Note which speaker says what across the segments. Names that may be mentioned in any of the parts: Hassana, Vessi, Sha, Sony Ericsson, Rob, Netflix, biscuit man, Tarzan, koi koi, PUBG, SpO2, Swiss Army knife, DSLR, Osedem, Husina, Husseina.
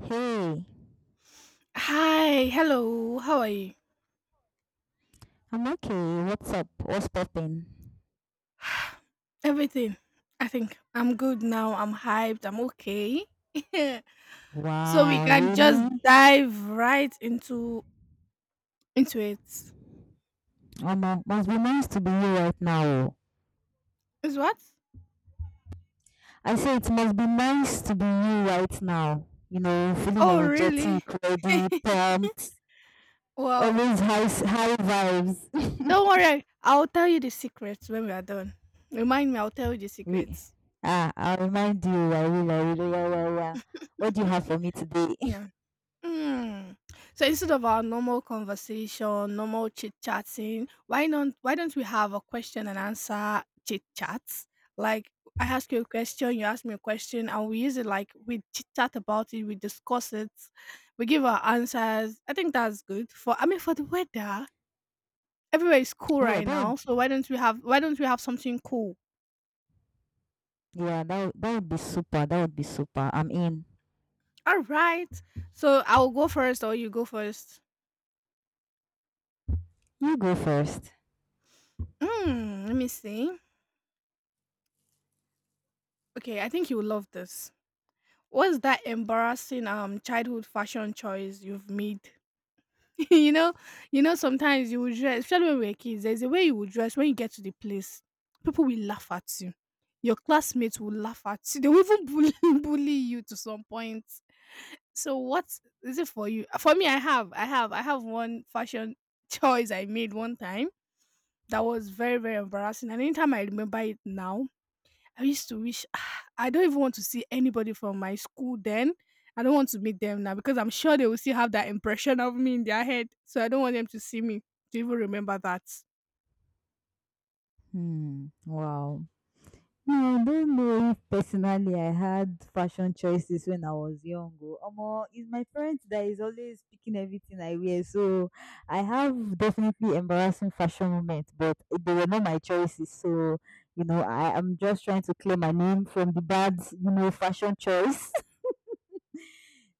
Speaker 1: Hey,
Speaker 2: Hi, hello, how are you?
Speaker 1: I'm okay. What's up? What's poppin'?
Speaker 2: Everything. I think I'm good now. I'm hyped. I'm okay. So we
Speaker 1: Wow,
Speaker 2: can just
Speaker 1: really?
Speaker 2: dive right into it.
Speaker 1: Omo, must be nice to be you right now. Oh.
Speaker 2: Is what?
Speaker 1: I say it must be nice to be you right now. You know, feeling
Speaker 2: Oh,
Speaker 1: energetic,
Speaker 2: really?
Speaker 1: ready, pumped,
Speaker 2: Wow.
Speaker 1: always high vibes.
Speaker 2: Don't worry. I'll tell you the secrets when we are done. Remind me. I'll tell you the
Speaker 1: Re-
Speaker 2: secrets.
Speaker 1: I'll remind you. I will. I will. Yeah, yeah, yeah. What do you have for me today?
Speaker 2: Yeah. Mm. So instead of our normal conversation, normal chit chatting, why not? Why don't we have a question and answer chit chats? Like I ask you a question, you ask me a question, and we use it like we chit chat about it, we discuss it, we give our answers. I think that's good for. I mean, for the weather, everywhere is cool
Speaker 1: yeah,
Speaker 2: right
Speaker 1: that. would-
Speaker 2: now. So why don't we have? Why don't we have something cool?
Speaker 1: Yeah, that would be super. That would be super. I'm in.
Speaker 2: All right. So I'll go first, or you go first.
Speaker 1: You go first.
Speaker 2: Let me see. Okay, I think you will love this. What's that embarrassing childhood fashion choice you've made? you know, sometimes you would dress, especially when we were kids, there's a way you would dress when you get to the place. People will laugh at you. Your classmates will laugh at you. They will even bully, bully you to some point. So what is it for you? For me, I have one fashion choice I made one time that was very, very embarrassing. And anytime I remember it now, I used to wish I don't even want to see anybody from my school then. I don't want to meet them now because I'm sure they will still have that impression of me in their head. So I don't want them to see me to even remember that.
Speaker 1: Hmm. Wow. No, I don't know if personally I had fashion choices when I was young. Oh. Omo, it's my parents that is always picking everything I wear. So I have definitely embarrassing fashion moments, but they were not my choices. So, you know, I am just trying to clear my name from the bad, you know, fashion choice.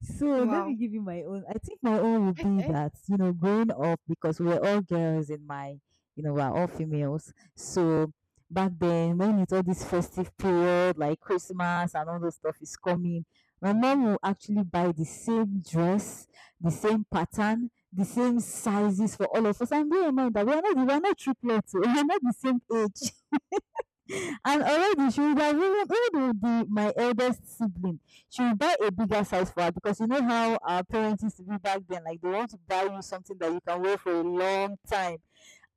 Speaker 1: So let me
Speaker 2: Wow.
Speaker 1: give you my own. I think my own would be that, you know, growing up because we're all girls in my, you know, we're all females. So back then, when it's all this festive period, like Christmas and all those stuff is coming, my mom will actually buy the same dress, the same pattern, the same sizes for all of us. And bear in mind that we are not triplets, we are not the same age. And already she will be even with my eldest sibling, she will buy a bigger size for her because you know how our parents used to be back then, like they want to buy you something that you can wear for a long time.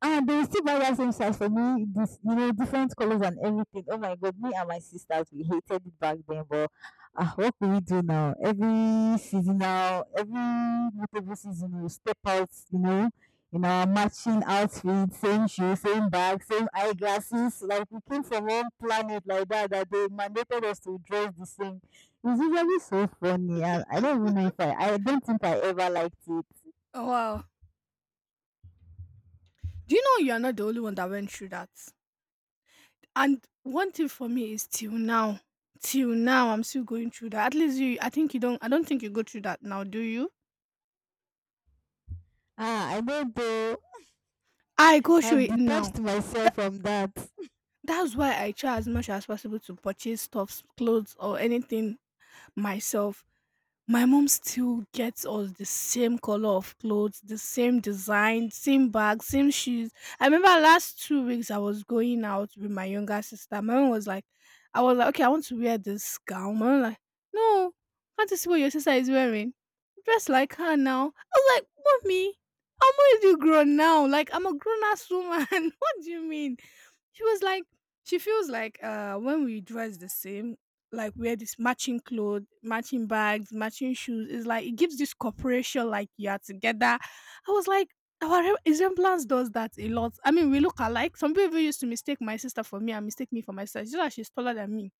Speaker 1: And they will still buy that same size for me, this you know, different colors and everything. Oh my god, me and my sisters we hated it back then, but ah, what do we do now? Every seasonal, every multiple season, we step out, you know, in our matching outfits, same shoes, same bag, same eyeglasses. Like we came from one planet like that that they mandated us to dress the same. It's usually so funny, and I don't even know if I, I don't think I ever liked it.
Speaker 2: Oh, wow. Do you know you are not the only one that went through that? And one thing for me is till now, I'm still going through that. At least you, I think you don't, I don't think you go through that now, do you?
Speaker 1: Ah, I don't know.
Speaker 2: I go through
Speaker 1: I've
Speaker 2: it now.
Speaker 1: detached
Speaker 2: Tha-
Speaker 1: myself from that.
Speaker 2: that's why I try as much as possible to purchase stuffs, clothes, or anything myself. My mom still gets us the same color of clothes, the same design, same bag, same shoes. I remember last 2 weeks I was going out with my younger sister. My mom was like, I was like, okay, I want to wear this gown. My mom like, no, can't you see what your sister is wearing? Dress like her now. I was like, mommy, I'm already grown now. Like I'm a grown ass woman. What do you mean? She was like, she feels like when we dress the same, like wear this matching clothes, matching bags, matching shoes. It's like it gives this corporation like you are together. I was like, our resemblance does that a lot. I mean, we look alike. Some people even used to mistake my sister for me and mistake me for my sister. It's just that she's taller than me.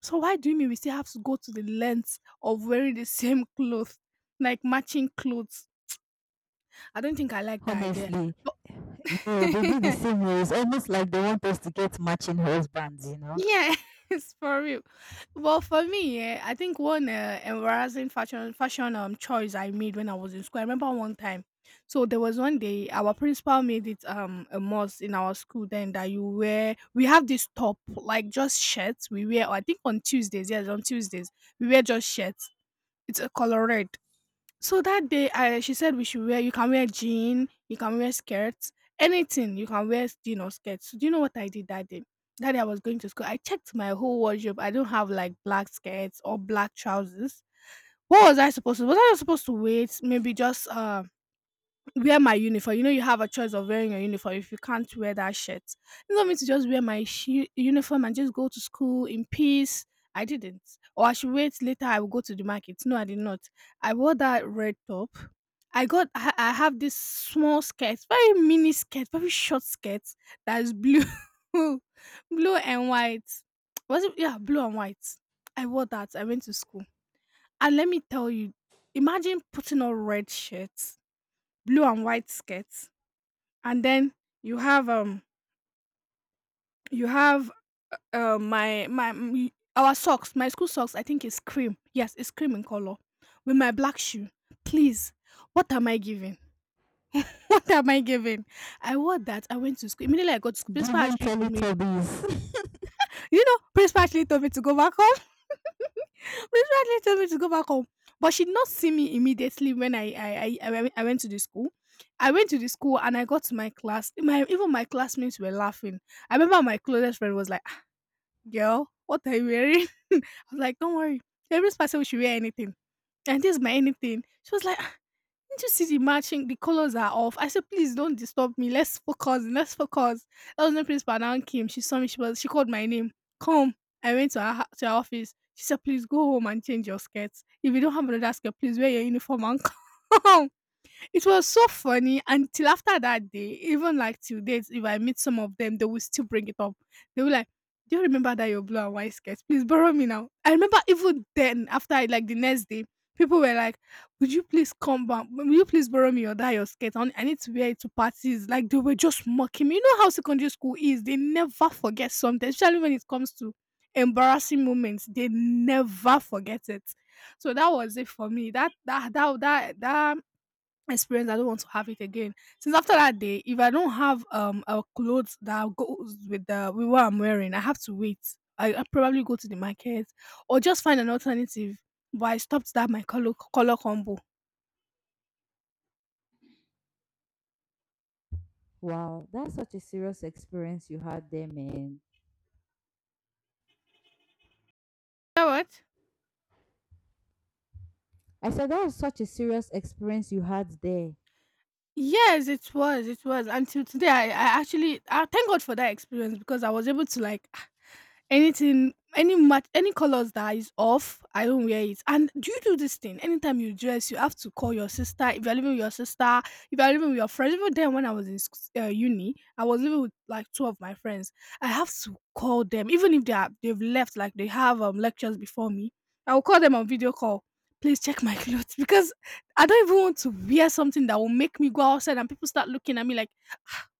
Speaker 2: So why do you mean we still have to go to the length of wearing the same clothes, like matching clothes? I don't think I like that idea.
Speaker 1: Honestly,
Speaker 2: But
Speaker 1: you know, they do the same way. It's almost like they want us to get matching husbands, you know?
Speaker 2: Yeah, it's for real. Well, for me, yeah, I think one embarrassing fashion choice I made when I was in school. I remember one time. So there was one day our principal made it a must in our school then that you wear we have this top like just shirts we wear I think on Tuesdays, yes, on Tuesdays we wear just shirts. It's a color red. So that day, I she said we should wear. You can wear jean. You can wear skirts. Anything, you can wear jean or skirts. So do you know what I did that day? That day I was going to school. I checked my whole wardrobe. I don't have like black skirts or black trousers. What was I supposed to? Was I supposed to wait? Maybe just wear my uniform. You know, you have a choice of wearing your uniform if you can't wear that shirt. You want me to just wear my shi uniform and just go to school in peace. I didn't. Or I should wait later. I will go to the market. No, I did not. I wore that red top. I have this small skirt, very mini skirt, very short skirt that's blue, blue and white. Was it yeah, blue and white. I wore that. I went to school. And let me tell you, imagine putting on red shirts, blue and white skirts, and then you have um you have my our socks, my school socks, I think is cream. Yes, it's cream in color. With my black shoe. Please, what am I giving? What am I giving? I wore that. I went to school. Immediately I got to school, principal
Speaker 1: Giving
Speaker 2: actually told me,
Speaker 1: Teletubbies.
Speaker 2: you know, principal actually told me to go back home. Principal actually told me to go back home. But she did not see me immediately when I went to the school. I went to the school and I got to my class. My even my classmates were laughing. I remember my closest friend was like, "Ah, Girl, what are you wearing?" I was like, "Don't worry. The principal said we should wear anything, and this is my anything." She was like. Didn't you see the matching? The colors are off. I said, please don't disturb me. Let's focus. Let's focus. That was when principal now came. She saw me. She was. She called my name. Come. I went to to her office. She said, please go home and change your skirts. If you don't have another skirt, please wear your uniform and come. It was so funny until after that day, even like till date, if I meet some of them, they will still bring it up. They will like, do you remember that your blue and white skirt? Please borrow me now. I remember even then, after I like the next day, people were like, would you please come back? Will you please borrow me your that your skirt? I need to wear it to parties. Like they were just mocking me. You know how secondary school is, they never forget something, especially when it comes to embarrassing moments, they never forget it. So that was it for me. That experience I don't want to have it again. Since after that day, if I don't have a clothes that goes with the with what I'm wearing, I have to wait. I probably go to the market or just find an alternative. But I stopped that my color combo. You
Speaker 1: Wow, that's such a serious experience you had there, man.
Speaker 2: know what?
Speaker 1: I said that was such a serious experience you had there.
Speaker 2: Yes, it was, it was. Until today, I actually I thank God for that experience because I was able to like anything, any match, any colors that is off, I don't wear it. And do you do this thing? Anytime you dress, you have to call your sister. If you're living with your sister, if you're living with your friends, even then when I was in uni, I was living with like two of my friends. I have to call them, even if they are they've left, like they have lectures before me. I will call them on video call. Please check my clothes because I don't even want to wear something that will make me go outside and people start looking at me like,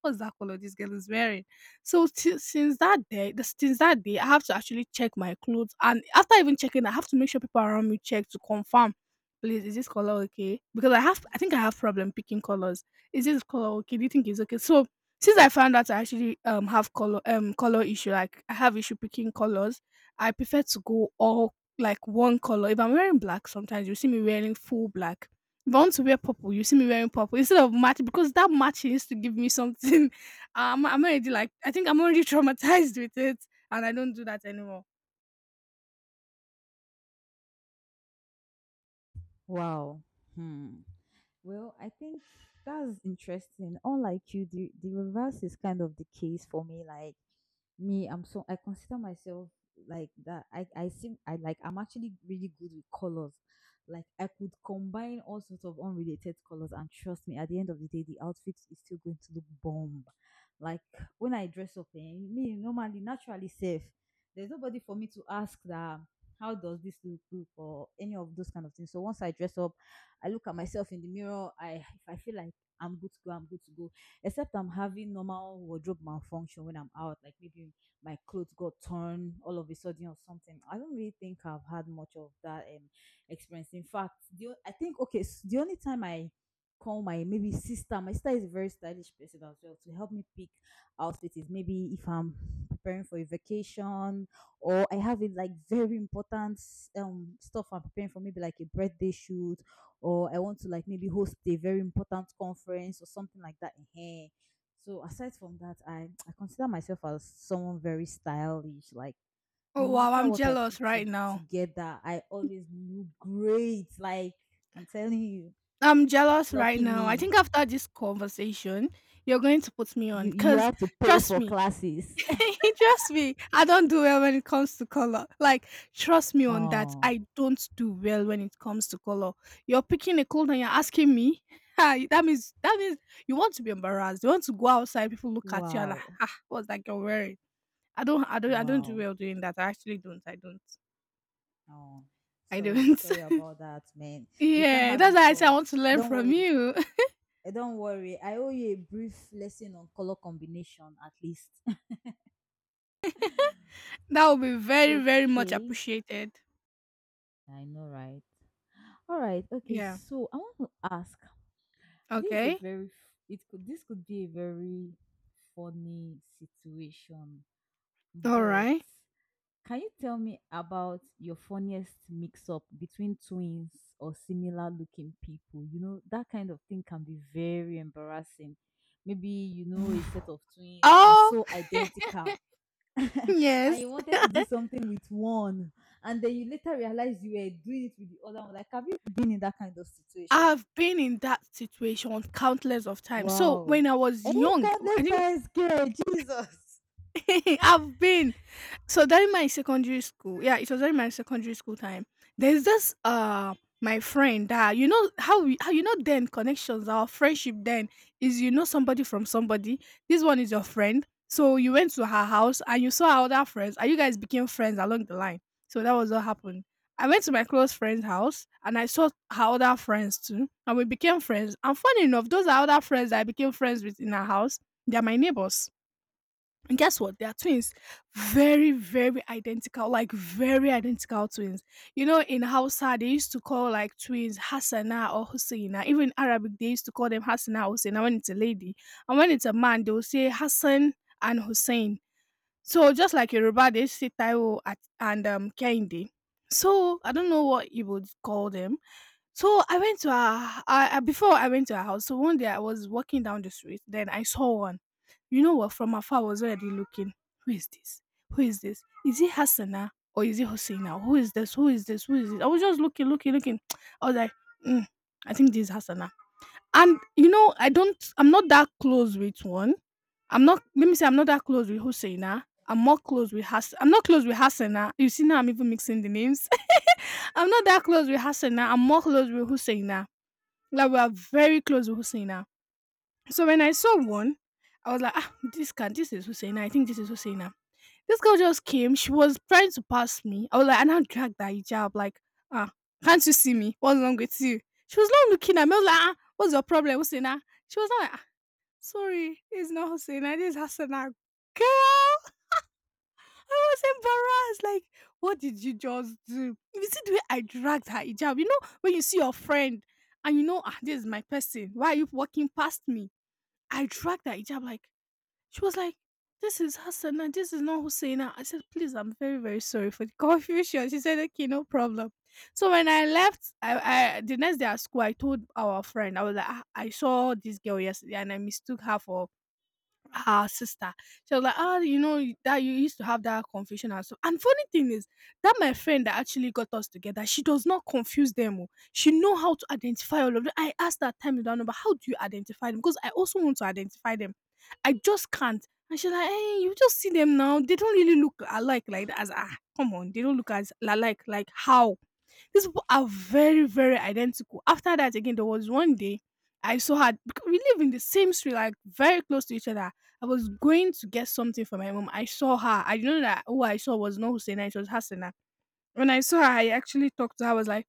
Speaker 2: "What's that color this girl is wearing?" So si since that day the since that day, I have to actually check my clothes, and after even checking, I have to make sure people around me check to confirm, "Please, is this color okay?" Because I think I have problem picking colors. "Is this color okay? Do you think it's okay?" So, since I found out I actually, have color issue, like I have issue picking colors, I prefer to go all like, one color. If I'm wearing black sometimes, you see me wearing full black. If I want to wear purple, you see me wearing purple instead of match because that match used to give me something. I'm already like I think I'm already traumatized with it, and I don't do that anymore.
Speaker 1: Wow. Hmm. Well, I think that's interesting. Unlike you, the reverse is kind of the case for me. Like, me, I consider myself like that. I seem I like I'm actually really good with colors. Like I could combine all sorts of unrelated colors, and trust me, at the end of the day, the outfit is still going to look bomb. Like when I dress up, eh, me normally naturally safe. There's nobody for me to ask that. How does this look or any of those kind of things? So once I dress up, I look at myself in the mirror. I If I feel like I'm good to go, I'm good to go except I'm having normal wardrobe malfunction when I'm out, like maybe my clothes got torn all of a sudden or something. I don't really think I've had much of that experience. In fact, I think, okay, s the only time I call my maybe sister, my sister is a very stylish person as well, to help me pick outfits is maybe if I'm preparing for a vacation or I have it like very important stuff I'm preparing for, maybe like a birthday shoot or I want to like maybe host a very important conference or something like that. Ehen. So aside from that, I consider myself as someone very stylish. Like
Speaker 2: Oh
Speaker 1: no
Speaker 2: wow,
Speaker 1: matter
Speaker 2: I'm
Speaker 1: what
Speaker 2: jealous right now.
Speaker 1: together, I always look great. Like I'm telling you,
Speaker 2: I'm jealous right
Speaker 1: lucky
Speaker 2: now. I
Speaker 1: me.
Speaker 2: think after this conversation, you're going to put me on
Speaker 1: You
Speaker 2: because
Speaker 1: have to pay
Speaker 2: trust
Speaker 1: for
Speaker 2: me,
Speaker 1: classes.
Speaker 2: He just me. I don't do well when it comes to color. Like, trust me on that.
Speaker 1: oh
Speaker 2: I don't do well when it comes to color. You're picking a clothes and you're asking me. Ah, that means you want to be embarrassed. You want to go outside, people look at you and like,
Speaker 1: wow.
Speaker 2: ah, what's that girl wearing? I don't do
Speaker 1: Wow.
Speaker 2: well doing that. I actually don't. I don't.
Speaker 1: Oh
Speaker 2: I
Speaker 1: sorry,
Speaker 2: don't.
Speaker 1: sorry about that, man. You can't
Speaker 2: Yeah,
Speaker 1: have
Speaker 2: that's why
Speaker 1: it
Speaker 2: I say I
Speaker 1: all.
Speaker 2: want to learn
Speaker 1: Don't
Speaker 2: from
Speaker 1: worry.
Speaker 2: you.
Speaker 1: Eh, don't worry, I owe you a brief lesson on color combination at least.
Speaker 2: That would be very, very much
Speaker 1: Okay.
Speaker 2: appreciated.
Speaker 1: I know, right? All right. Okay.
Speaker 2: Yeah.
Speaker 1: So I want to ask. This is a
Speaker 2: Okay.
Speaker 1: very. F- It could. This could be a very funny situation.
Speaker 2: All
Speaker 1: But
Speaker 2: right.
Speaker 1: can you tell me about your funniest mix-up between twins or similar-looking people? You know that kind of thing can be very embarrassing. Maybe you know a set of twins. They are
Speaker 2: Oh,
Speaker 1: so identical and
Speaker 2: yes.
Speaker 1: you wanted to do something with one and then you later realized you were doing it with the other one, like have you been in that kind of situation?
Speaker 2: I've been in that situation countless of times. So when
Speaker 1: Wow.
Speaker 2: I was
Speaker 1: Hey,
Speaker 2: young, I
Speaker 1: countless
Speaker 2: think
Speaker 1: times, girl. Jesus.
Speaker 2: I've been during my secondary school, yeah, it was during my secondary school time. There's this my friend that, you know, how we how you know, then connections, our friendship then is, you know, somebody from somebody. This one is your friend. So you went to her house and you saw her other friends and you guys became friends along the line. So that was what happened. I went to my close friend's house and I saw her other friends too. And we became friends. And funny enough, those are other friends that I became friends with in her house. They are my neighbors. And guess what? They are twins. Very, very identical. Like very identical twins. You know, in Hausa, they used to call like twins Hassana or Husseina. Even Arabic, they used to call them Hassana or Husseina when it's a lady. And when it's a man, they'll say Hassan and Hussein. So just like Yoruba, they say Taiwo and Kehinde. So I don't know what you would call them. So I went to her, before I went to her house. So one day I was walking down the street, then I saw one. You know what? From afar, I was already looking. Who is this? Who is this? Is it Hassana or is it Hosseina? Who is this? Who is this? Who is this? I was just looking. I was like, mm, I think this is Hassana. And you know, I'm not that close with one. I'm not. Let me say, I'm not that close with Hosseina. I'm more close with Hass. I'm not close with Hassana. You see now, I'm even mixing the names. I'm not that close with Hassana. I'm more close with Husseina. Like we are very close with Husseina. So when I saw one, I was like, ah, this is Husseina. I think this is Husseina. This girl just came. She was trying to pass me. I was like, and I now dragged that hijab. Like, ah, can't you see me? What's wrong with you? She was not looking at me. I was like, ah, what's your problem, Husseina? She was not like, ah, sorry, it's not Husseina. This is Hassana. Girl, I was embarrassed. Like, what did you just do? You see the way I dragged her hijab. You know, when you see your friend and you know, ah, this is my person. Why are you walking past me? I dragged her hijab. Like, she was like, this is Hassana. This is not Husseina. I said, please, I'm very, very sorry for the confusion. She said, okay, no problem. So when I left, I the next day at school, I told our friend, I was like, "Ah, I saw this girl yesterday and I mistook her for her sister." She was like, ah, you know, that you used to have that confusion and so. And funny thing is that my friend that actually got us together, she does not confuse them. Oh. She know how to identify all of them. I asked that time down number, how do you identify them? Because I also want to identify them. I just can't. And she's like, hey, you just see them now. They don't really look alike like that. As ah, come on, they don't look as alike. Like, how? These people are very, very identical. After that, again, there was one day I saw her. We live in the same street, like very close to each other. I was going to get something for my mom. I saw her. I didn't know that who I saw was not Hussein. It was Hassanah. When I saw her, I actually talked to her. I was like,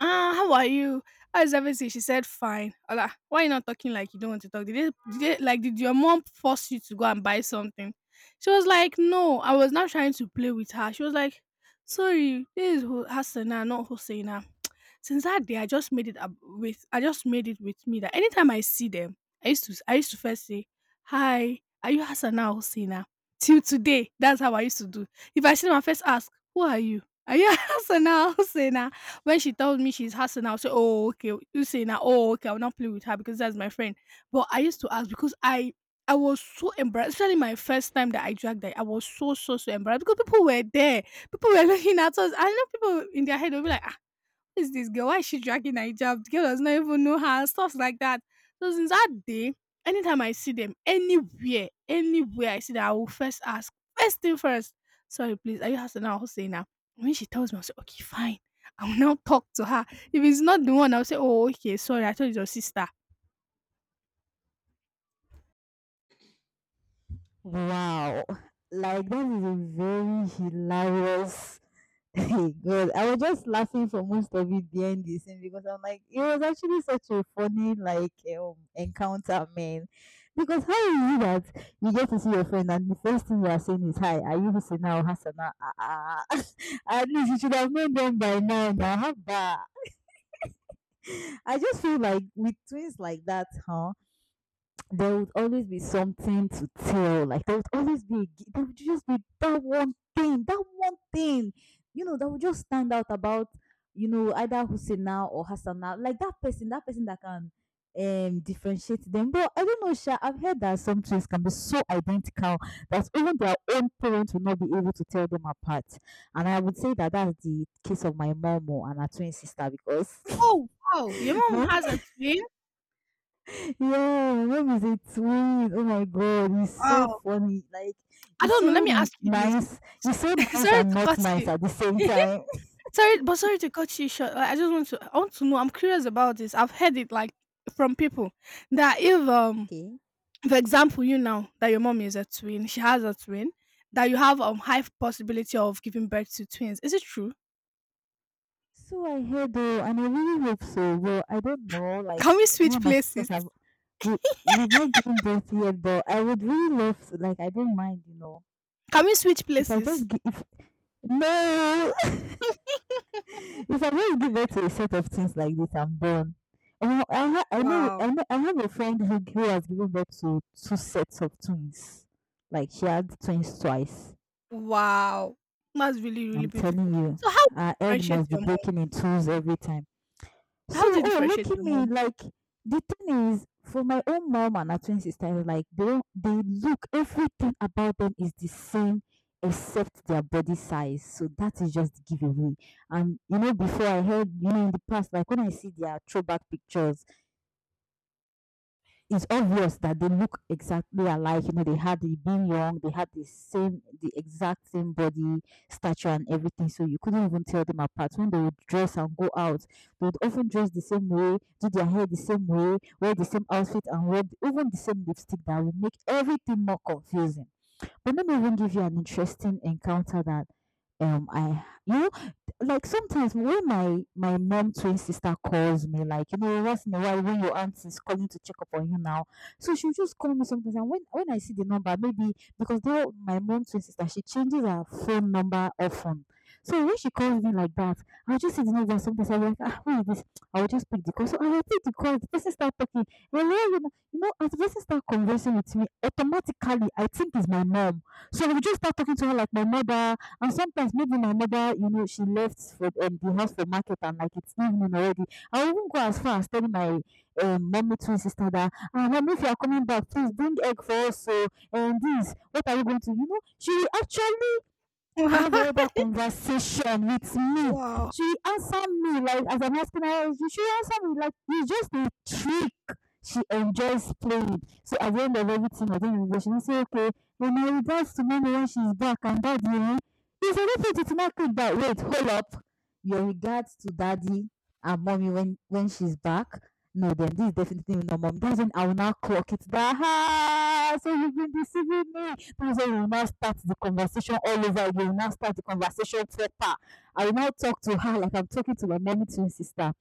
Speaker 2: ah, how are you? How is everything? She said, fine. Ola, why you not talking like you don't want to talk? Like, did your mom force you to go and buy something? She was like, no, I was not trying to play with her. She was like, sorry, this is Hassana, not Hosseina. Since that day, I just made it with me that anytime I see them, I used to first say, hi, are you Hassana or Hosseina? Till today, that's how I used to do. If I see them, I first ask, who are you? Are you Hassana or Hosseina? When she tells me she's her, I'll say, oh, okay, oh, okay, I'll not play with her because that's my friend. But I used to ask because I was so embarrassed, especially my first time that I dragged her. I was so, so, so embarrassed because people were there, people were looking at us. I know people in their head will be like, who's this girl? Why is she dragging her hijab? The girl does not even know her, stuff like that. So since that day, anytime I see them anywhere, anywhere I see them, I will first ask, first thing first, sorry, please, are you Hasana or Husseina? When she tells me, I'll say, okay, fine. I will now talk to her. If it's not the one, I'll say, oh, okay, sorry, I thought it's your sister.
Speaker 1: Wow. Like that is a very hilarious. God, I was just laughing for most of it behind the scene because I'm like, it was actually such a funny like encounter, man. Because how is it that you get to see your friend and the first thing you are saying is, "Hi, are you Husina or Hassana? Ah, ah, ah." At least you should have known them by now. Now, how bad? I just feel like with twins like that, huh, there would always be something to tell. Like there would always be there would just be that one thing, you know, that would just stand out about, you know, either Husseina or Hassana. Like that person, that person that can differentiate them. But I don't know, Sha, I've heard that some twins can be so identical that even their own parents will not be able to tell them apart. And I would say that that's the case of my mom and her twin sister because
Speaker 2: Oh, wow, your mom
Speaker 1: my
Speaker 2: has a twin?
Speaker 1: yeah, Rob is a twin. Oh my god, he's so
Speaker 2: Wow.
Speaker 1: funny. Like
Speaker 2: I don't know. Let me ask you this.
Speaker 1: nice. He's so nice
Speaker 2: Sorry
Speaker 1: and
Speaker 2: to
Speaker 1: not
Speaker 2: cut
Speaker 1: nice
Speaker 2: you.
Speaker 1: at the same time.
Speaker 2: Sorry to cut you short. Like, I want to know. I'm curious about this. I've heard it like from people that if
Speaker 1: Okay.
Speaker 2: for example, you know that your mom is a twin, she has a twin, that you have high possibility of giving birth to twins. Is it true?
Speaker 1: So I heard though, and I really hope so. Well, I don't know. Like
Speaker 2: Can we
Speaker 1: me
Speaker 2: switch
Speaker 1: and my
Speaker 2: places?
Speaker 1: sisters have we, we've not given birth yet, but I would really love to. Like I don't mind, you know.
Speaker 2: Can we switch
Speaker 1: If I
Speaker 2: places?
Speaker 1: just give, if no, if I just give birth to a set of things like this, I'm done. I
Speaker 2: Wow.
Speaker 1: know I have a friend who has given birth to two sets of twins. Like she had twins twice.
Speaker 2: Wow. That's really, really
Speaker 1: I'm
Speaker 2: beautiful.
Speaker 1: telling you,
Speaker 2: So how do
Speaker 1: her
Speaker 2: you
Speaker 1: egg
Speaker 2: differentiate
Speaker 1: must be
Speaker 2: your mom?
Speaker 1: breaking in twos every time.
Speaker 2: How do
Speaker 1: So,
Speaker 2: you
Speaker 1: oh, look
Speaker 2: differentiate
Speaker 1: at
Speaker 2: your
Speaker 1: me.
Speaker 2: mom?
Speaker 1: Like, the thing is, for my own mom and her twin sister, like, they, don't- they look, everything about them is the same except their body size. So, that is just the giveaway. And, you know, before I heard, you know, in the past, like, when I see their throwback pictures, it's obvious that they look exactly alike. You know, they had they had the same, the exact same body stature and everything. So you couldn't even tell them apart. When they would dress and go out, they would often dress the same way, do their hair the same way, wear the same outfit, and even the same lipstick that would make everything more confusing. But let me even give you an interesting encounter that I you know like sometimes when my mom twin sister calls me, like, you know, once in a while when your aunt is calling to check up on you now. So she'll just call me sometimes, and when I see the number, maybe because they my mom twin sister, she changes her phone number often. So when she calls me like that, I'll just see the number. Sometimes I'll be like, ah, who is this? I'll just pick the call. So I'll pick the call, the person start talking, hello, you know, as Vessi start conversing with me, automatically I think it's my mom. So we just start talking to her like my mother, and sometimes maybe my mother, you know, she left for the house for market and like it's evening already. I even go as far as telling my mommy twin sister that, ah, mom, if you are coming back, please bring egg for us. So and this, what are you going to, you know? She will actually have a other conversation with me.
Speaker 2: Wow.
Speaker 1: She answered me like as I'm asking her, she answered me like it's just a trick. She enjoys playing. So at the end of everything, I the end of she will say, okay, when my regards to mommy when she's back and daddy, eh, it's a little to not click that. Wait, hold up. Your regards to daddy and mommy when she's back. No, then this is definitely not mommy. That's when I will now clock it. So you've been deceiving me. That's when we will now start the conversation all over again. We will now start the conversation proper. I will now talk to her like I'm talking to my mommy twin sister.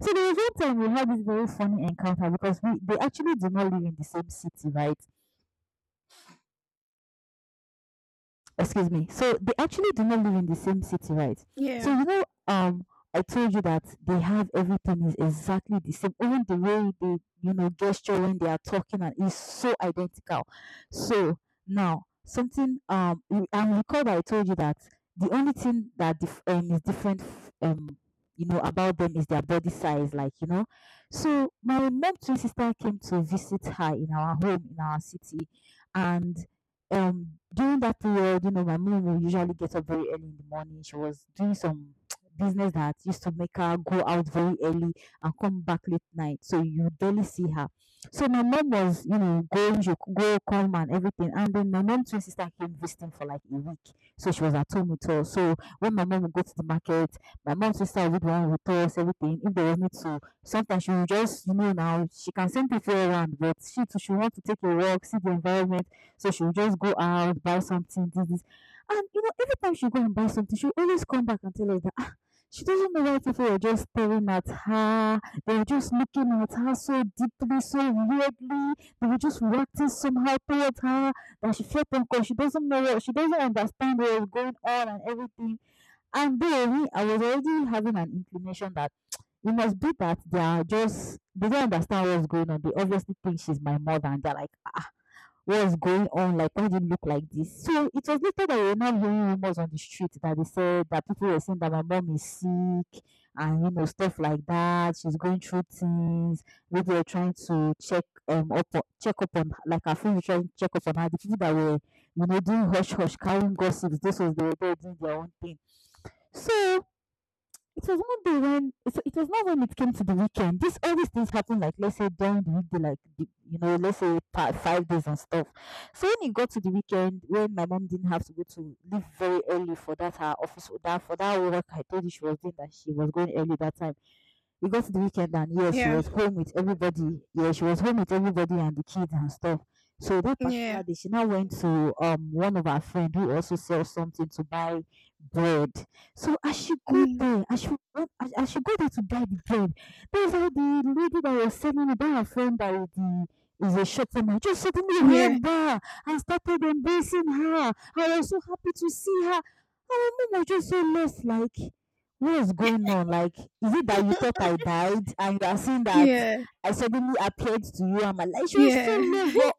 Speaker 1: So there was one time we had this very funny encounter because we they actually do not live in the same city, right? Excuse me. So they actually do not live in the same city, right? So
Speaker 2: Yeah.
Speaker 1: you know, um, I told you that they have everything is exactly the same. Even the way they gesture when they are talking and is so identical. So and recall that I told you that the only thing that is different about them is their body size, like you know. So my mom twin sister came to visit her in our home in our city, and during that period, my mom will usually get up very early in the morning. She was doing some business that used to make her go out very early and come back late night. So you barely see her. So my mom was, you know, going she would go come and everything. And then my mom's twin sister came visiting for like a week. So she was at home with us. So when my mom would go to the market, my mom's sister would run with us, everything. If there was need to sometimes she would just now she can send people around, but she too she want to take a walk, see the environment, so she would just go out, buy something, this, this. And every time she go and buy something, she always come back and tell us that, "Ah, she doesn't know why people were just staring at her. They were just looking at her so deeply, so weirdly. They were just reacting somehow towards her that she felt uncomfortable. She doesn't know what she doesn't understand what was going on and everything." And then I was already having an inclination that it must be that they are just they don't understand what's going on. They obviously think she's my mother and they're like, what's going on? Like, why did you look like this? So it was later that we were now hearing rumors on the street that they said that people were saying that my mom is sick and stuff like that. She's going through things. Maybe they're trying to check up on, like, her friends were trying to check up on her. The people that were doing hush hush carrying gossips. This was they were there doing their own thing. So it was one day when it was not when it came to the weekend. This all these things happen, like, let's say during the weekday, like let's say five days and stuff. So when it got to the weekend, when my mom didn't have to go to leave very early for that her office or that for that work, I told you she was doing that she was going early that time, we got to the weekend and yes, she
Speaker 2: Yeah.
Speaker 1: was home with everybody. Yeah, she was home with everybody and the kids and stuff. So that
Speaker 2: Yeah.
Speaker 1: particular day, she now went to one of her friend who also sells something to buy bread. So as she go
Speaker 2: Mm.
Speaker 1: there, as she go there to buy the bread, there's like the lady that was selling it, that her friend that is the is a short woman, just suddenly
Speaker 2: Yeah.
Speaker 1: hugged her and started embracing her. "I was so happy to see her." Our mom was just so left, like, what is going on? Like, is it that you thought I died and you are seeing that
Speaker 2: Yeah.
Speaker 1: I suddenly appeared to you? I'm like, she was so
Speaker 2: Yeah.
Speaker 1: low, but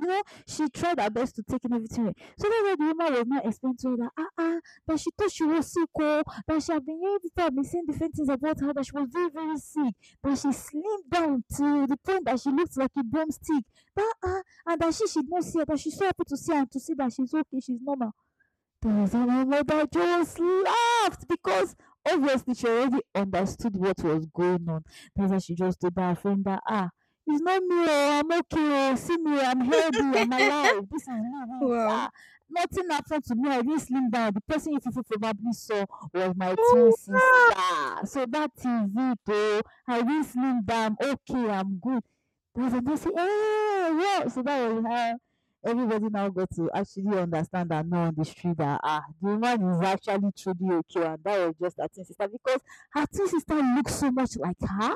Speaker 1: she tried her best to take in everything. In. So that's why the woman was not explaining to her that, that she thought she was sick, oh, that she had been hearing people have been saying different things about her, that she was very, very sick, that she slimmed down to the point that she looked like a broomstick, that, ah, and that she should not see her, that she's so happy to see her and to see that she's okay, she's normal. Tarzan and mother that just laughed because obviously she already understood what was going on. That's why she just told her friend that, it's not me, oh, I'm okay, oh, see me, I'm healthy, I'm alive. This is me, me,
Speaker 2: Wow.
Speaker 1: yeah. Nothing happened to me. I didn't slim down. The person you people probably saw was my twin
Speaker 2: Oh
Speaker 1: sister.
Speaker 2: wow!
Speaker 1: So that is it, oh. I didn't slim down. Okay, I'm good. Tarzan just say, well. So that was her everybody now got to actually understand that now on the street that the woman is actually truly okay and that was just her twin sister because her twin sister looks so much like her,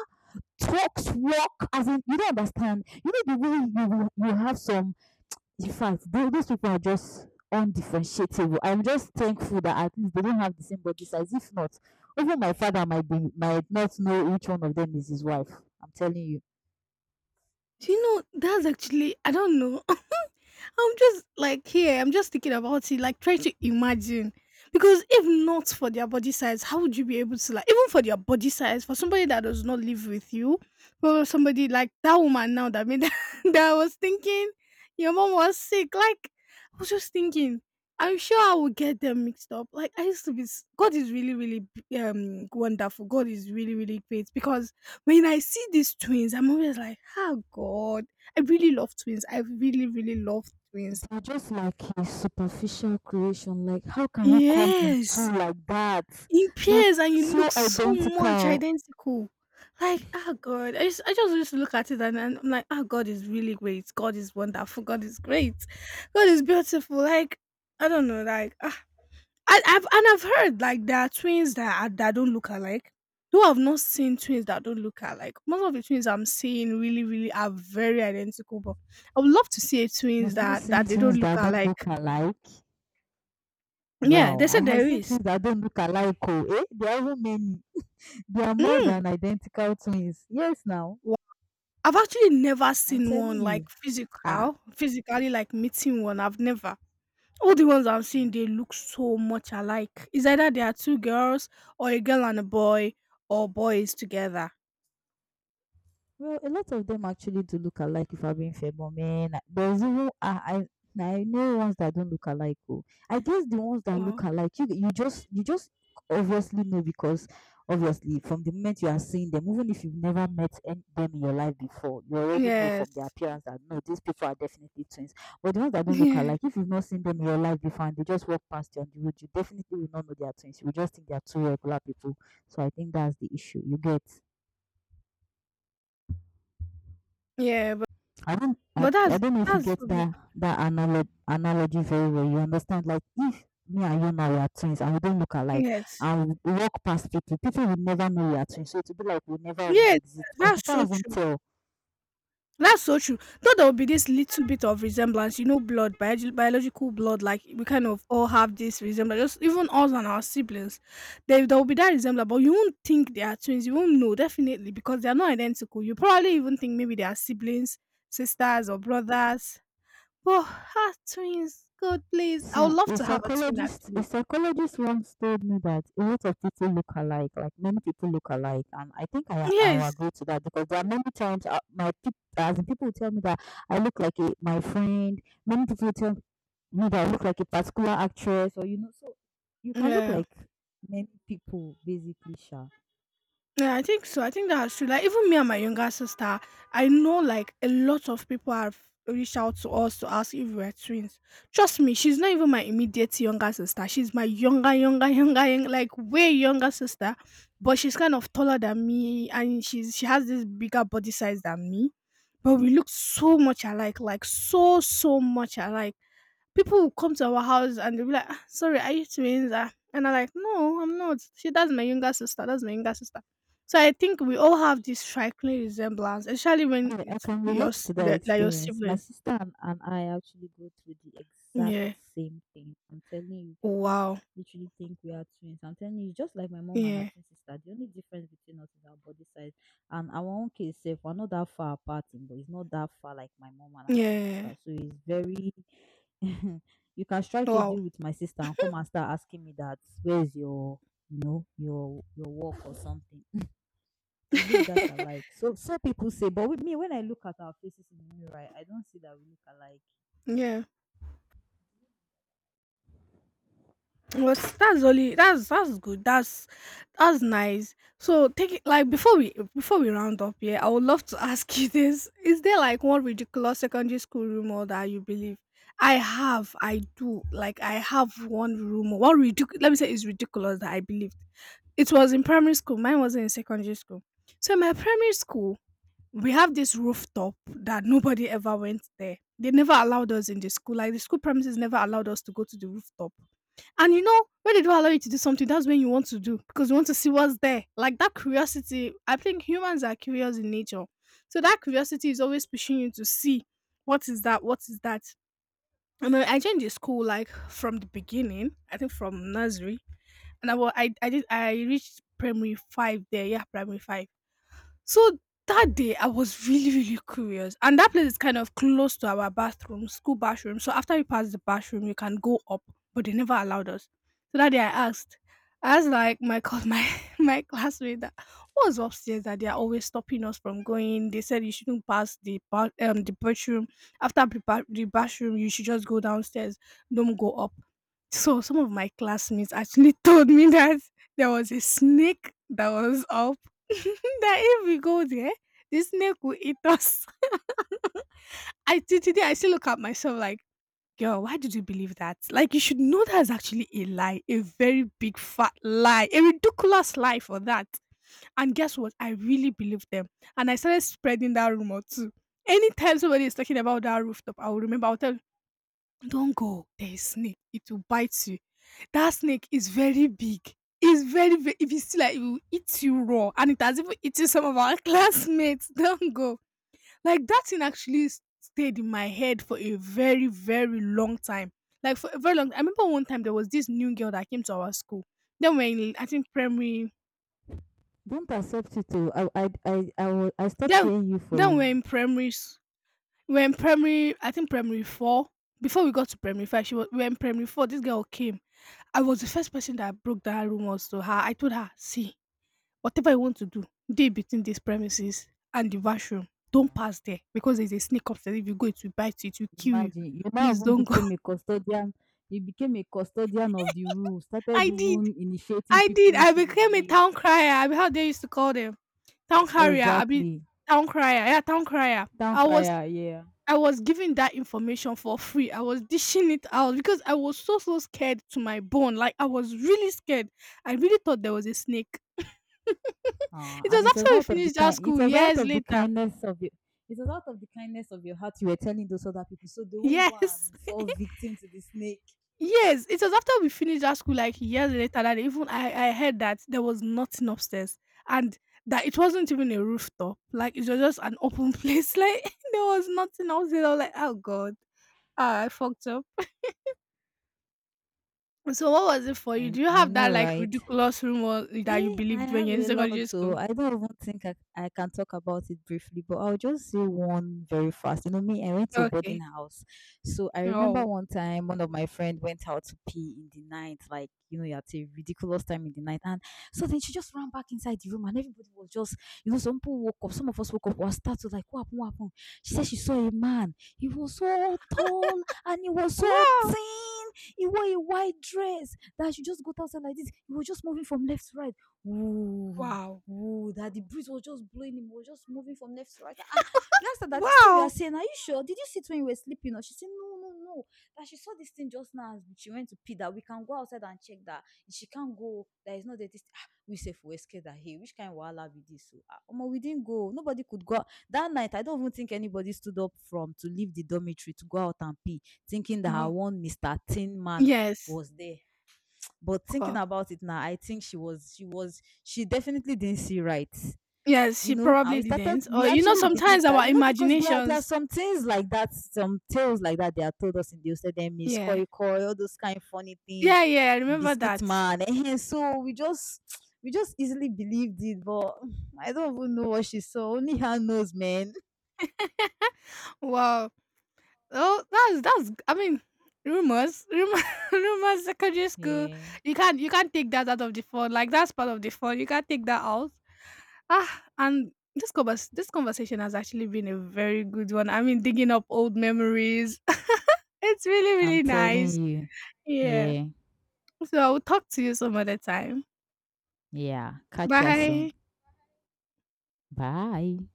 Speaker 1: talks, walk, as in you don't understand the way you have some, in fact, those people are just undifferentiatable. I'm just thankful that at least they don't have the same body size, if not, even my father might not know which one of them is his wife. I'm telling you.
Speaker 2: Do you know that's actually I don't know. I'm just like here, I'm just thinking about it, like trying to imagine. Because if not for their body size, how would you be able to like even for their body size, for somebody that does not live with you, for somebody like that woman now that made that I was thinking your mom was sick. Like I was just thinking, I'm sure I would get them mixed up. Like I used to be s- God is really, really wonderful. God is really, really great because when I see these twins, I'm always like, oh God, I really love twins. I really, really love twins.
Speaker 1: They're just like a superficial creation. Like, how can you come in
Speaker 2: Yes,
Speaker 1: two like that?
Speaker 2: in
Speaker 1: Like,
Speaker 2: pairs, and you
Speaker 1: so
Speaker 2: look so much
Speaker 1: identical.
Speaker 2: identical. Like, ah, God, I just used to look at it and I'm like, ah, God is really great. God is wonderful. God is great. God is beautiful. Like, I don't know. Like, ah, I've heard like there are that don't look alike. Though I've not seen twins that don't look alike. Most of the twins I'm seeing really, really are very identical. But I would love to see a twins
Speaker 1: You've not
Speaker 2: that
Speaker 1: seen
Speaker 2: they don't
Speaker 1: twins
Speaker 2: look
Speaker 1: that don't
Speaker 2: alike.
Speaker 1: look alike.
Speaker 2: Yeah,
Speaker 1: Wow,
Speaker 2: they
Speaker 1: I
Speaker 2: said
Speaker 1: have
Speaker 2: there
Speaker 1: seen
Speaker 2: is.
Speaker 1: twins that don't look alike. Oh, eh? There are even many. They are more
Speaker 2: Mm.
Speaker 1: than identical twins. Yes, now,
Speaker 2: Wha. I've actually never
Speaker 1: I'm
Speaker 2: seen one,
Speaker 1: telling you.
Speaker 2: like,
Speaker 1: Ah,
Speaker 2: physically, like, meeting one, I've never. All the ones I'm seeing, they look so much alike. It's either they are 2 girls or a girl and a boy or boys together.
Speaker 1: Well, a lot of them actually do look alike if I'm being fair, but man, there's even I know ones that don't look alike. Oh. I guess the ones that look
Speaker 2: Wow.
Speaker 1: alike, you just obviously know because obviously from the moment you are seeing them, even if you've never met them in your life before, you already know from their
Speaker 2: Yes.
Speaker 1: appearance that, no, these people are definitely twins. But the ones that don't look
Speaker 2: Yeah.
Speaker 1: alike, if you've not seen them in your life before and they just walk past you on the road, you definitely will not know they are twins. You will just think they are two regular people. So I think that's the issue. You get.
Speaker 2: Yeah, but
Speaker 1: I don't I, I
Speaker 2: that's
Speaker 1: don't know if you get
Speaker 2: so
Speaker 1: that
Speaker 2: beautiful.
Speaker 1: that analog, analogy very well. You understand? Like, if me and you now we are twins and we don't look alike
Speaker 2: Yes.
Speaker 1: and we walk past people, people will never know we are twins. So it'll be like we never even
Speaker 2: Yes, yes,
Speaker 1: exist because they
Speaker 2: that's
Speaker 1: can't
Speaker 2: so
Speaker 1: even
Speaker 2: true.
Speaker 1: tell.
Speaker 2: That's so true. Though there will be this little bit of resemblance, you know, blood, biology, biological blood, like we kind of all have this resemblance, just even us and our siblings. There will be that resemblance, but you won't think they are twins. You won't know, definitely, because they are not identical. You probably even think maybe they are siblings, sisters, or brothers. Oh, ah, twins, God, please. I would
Speaker 1: See,
Speaker 2: love
Speaker 1: a
Speaker 2: to have a twin,
Speaker 1: psychologist, a
Speaker 2: actually.
Speaker 1: psychologist once told me that a lot of people look alike, like many people look alike, and I think I will
Speaker 2: Yes.
Speaker 1: agree to that because there are many times my peop as in people tell me that I look like my friend. Many people tell me that I look like a particular actress, or so you can look
Speaker 2: Yeah.
Speaker 1: like many people basically, sha.
Speaker 2: Yeah, I think so. I think that's true. Like even me and my younger sister, I know like a lot of people have reached out to us to ask if we're twins. Trust me, she's not even my immediate younger sister. She's my younger, younger, younger, young, like way younger sister. But she's kind of taller than me and she has this bigger body size than me. But we look so much alike, like so much alike people will come to our house and they'll be like, "Ah, sorry, are you twins? Ah?" And I'm like, no, I'm not. She, that's my younger sister. That's my younger sister. So I think we all have this striking resemblance, especially when
Speaker 1: Yeah, I
Speaker 2: it's
Speaker 1: can relate to that
Speaker 2: like your
Speaker 1: experience. My
Speaker 2: siblings.
Speaker 1: sister and I actually go through the exact
Speaker 2: Yeah.
Speaker 1: same thing. I'm telling you, people
Speaker 2: Wow.
Speaker 1: literally think we are twins. I'm telling you, just like my mom and her
Speaker 2: Yeah.
Speaker 1: twin sister. The only difference between us is our body size. And our own case, if we're not that far apart, in, but it's not that far like my mom and her twin
Speaker 2: Yeah.
Speaker 1: sister. So it's very. You can strike a
Speaker 2: Wow.
Speaker 1: deal with my sister and come and start asking me that, where's your, you know, your work or something, we look that alike. So so people say, but with me, when I look at our faces in the mirror, I don't see that we look alike.
Speaker 2: Yeah. Well, that's good. That's nice. So take it like before we round up here, I would love to ask you this. Is there like one ridiculous secondary school rumor that you believe? I have, I do. Like I have one rumor. One ridiculous let me say it's ridiculous that I believed. It was in primary school, mine wasn't in secondary school. So in my primary school, we have this rooftop that nobody ever went there. They never allowed us in the school. Like the school premises never allowed us to go to the rooftop and you know, when they don't allow you to do something, that's when you want to do because you want to see what's there. Like that curiosity, I think humans are curious in nature. So that curiosity is always pushing you to see what is that. And then I joined the school like from the beginning, I think from nursery. And I did I reached primary five there, yeah, primary five. So that day, I was really curious. And that place is kind of close to our bathroom, school bathroom. So after you pass the bathroom, you can go up, but they never allowed us. So that day, I asked like my classmate that what was upstairs that they are always stopping us from going. They said you shouldn't pass the the bathroom after the the bathroom. You should just go downstairs. Don't go up. So some of my classmates actually told me that there was a snake that was up that if we go there, the snake will eat us. I till today I still look at myself like, girl, why did you believe that? Like you should know that's actually a lie, a very big fat lie, a ridiculous lie for that. And guess what? I really believed them, and I started spreading that rumor too. Anytime somebody is talking about that rooftop, I will remember. I'll tell don't go. There is snake. It will bite you. That snake is very big. It's very if you see like it will eat you raw and it has even eaten some of our classmates. Don't go. Like that thing actually stayed in my head for a very long time. Like for a very long I remember one time there was this new girl that came to our school. Then we're in I think primary
Speaker 1: Don't accept it. Oh, I stopped
Speaker 2: then
Speaker 1: hearing you for
Speaker 2: then
Speaker 1: you.
Speaker 2: we're in primary we're in primary, I think primary four. Before we got to primary five, she was we were in primary four. This girl came. I was the first person that broke down rumors to her. I told her, see, whatever you want to do, day between these premises and the washroom. Don't
Speaker 1: Wow.
Speaker 2: pass there because there's a snake upstairs. If you go, it will bite you, it will kill you.
Speaker 1: Imagine you now
Speaker 2: Please
Speaker 1: even
Speaker 2: don't go.
Speaker 1: became a custodian. You became a custodian of the rule. Started
Speaker 2: I did.
Speaker 1: even initiating
Speaker 2: I
Speaker 1: people
Speaker 2: did. I
Speaker 1: into the
Speaker 2: became a
Speaker 1: belief.
Speaker 2: town crier. I mean, how they used to call them. Town carrier. I mean,
Speaker 1: Exactly.
Speaker 2: town crier. Yeah, town crier.
Speaker 1: Town crier. Yeah.
Speaker 2: I was giving that information for free. I was dishing it out because I was so scared to my bone. Like I was really scared. I really thought there was a snake. It
Speaker 1: And
Speaker 2: was
Speaker 1: it was
Speaker 2: after we
Speaker 1: out of the
Speaker 2: finished that
Speaker 1: kind. It
Speaker 2: school
Speaker 1: was out
Speaker 2: years
Speaker 1: of the
Speaker 2: later.
Speaker 1: kindness of the. It was out of the kindness of your heart you were telling those other people, so they won't go
Speaker 2: Yes.
Speaker 1: and fall victim to the snake.
Speaker 2: Yes. It was after we finished that school like years later that even I heard that there was nothing upstairs and that it wasn't even a rooftop. Like it was just an open place. Like there was nothing upstairs. I was like, oh God. Ah, I fucked up. So what was it for you? Do
Speaker 1: I
Speaker 2: you
Speaker 1: I
Speaker 2: have that
Speaker 1: know,
Speaker 2: like
Speaker 1: right?
Speaker 2: ridiculous rumor that you
Speaker 1: I
Speaker 2: believed when
Speaker 1: have
Speaker 2: you're in
Speaker 1: a
Speaker 2: secondary
Speaker 1: lot,
Speaker 2: school?
Speaker 1: so I don't even think I can talk about it briefly, but I'll just say one very fast. You know me, I went to a boarding
Speaker 2: Okay.
Speaker 1: house. So I remember
Speaker 2: Oh.
Speaker 1: one time one of my friend went out to pee in the night, like, you're at a ridiculous time in the night. And so then she just ran back inside the room and everybody was just, some people woke up, some of us woke up, was startled, like, what happened, what happened? She said she saw a man. He was so tall and he was so
Speaker 2: Wow.
Speaker 1: thin. He wore a white dress that she just got outside like this. He was just moving from left to right. Ooh,
Speaker 2: Wow.
Speaker 1: ooh, that the breeze was just blowing him, was just moving from left to right. We asked her that this thing you are
Speaker 2: Wow.
Speaker 1: saying, are you sure? Did you see it when you were sleeping? Or she said, no, no, no. That she saw this thing just now as she went to pee, that we can go outside and check that. If she can't go, there is no that this, we safe, we scared that, hey, which kind of wahala be this? So, omo, we didn't go. Nobody could go out that night. I don't even think anybody stood up from to leave the dormitory to go out and pee, thinking that our
Speaker 2: Wow.
Speaker 1: one Mr. Tin Man
Speaker 2: Yes.
Speaker 1: was there. But thinking
Speaker 2: Wow.
Speaker 1: about it now, I think she definitely didn't see right,
Speaker 2: Yes,
Speaker 1: you
Speaker 2: she
Speaker 1: know, And
Speaker 2: probably
Speaker 1: we started
Speaker 2: didn't.
Speaker 1: we
Speaker 2: Or you know,
Speaker 1: actually believe
Speaker 2: sometimes
Speaker 1: that,
Speaker 2: our
Speaker 1: because there are
Speaker 2: imaginations.
Speaker 1: some things like that, some tales like that they are told us in the Osedem is
Speaker 2: Yeah.
Speaker 1: koi koi, all those kind of funny things,
Speaker 2: Yeah, I remember
Speaker 1: biscuit
Speaker 2: that.
Speaker 1: man and so we just easily believed it. But I don't even know what she saw, only her knows, man.
Speaker 2: Wow. Oh, that's. I mean, rumors, rumors. Secondary school.
Speaker 1: Yeah.
Speaker 2: You can't take that out of the fun. Like that's part of the fun. You can't take that out. Ah, and this convers this conversation has actually been a very good one. I mean, digging up old memories. It's
Speaker 1: I'm
Speaker 2: really
Speaker 1: telling
Speaker 2: nice.
Speaker 1: you.
Speaker 2: Yeah.
Speaker 1: Yeah.
Speaker 2: So I'll talk to you some other time.
Speaker 1: Yeah, catch ya
Speaker 2: Bye.
Speaker 1: soon. Bye.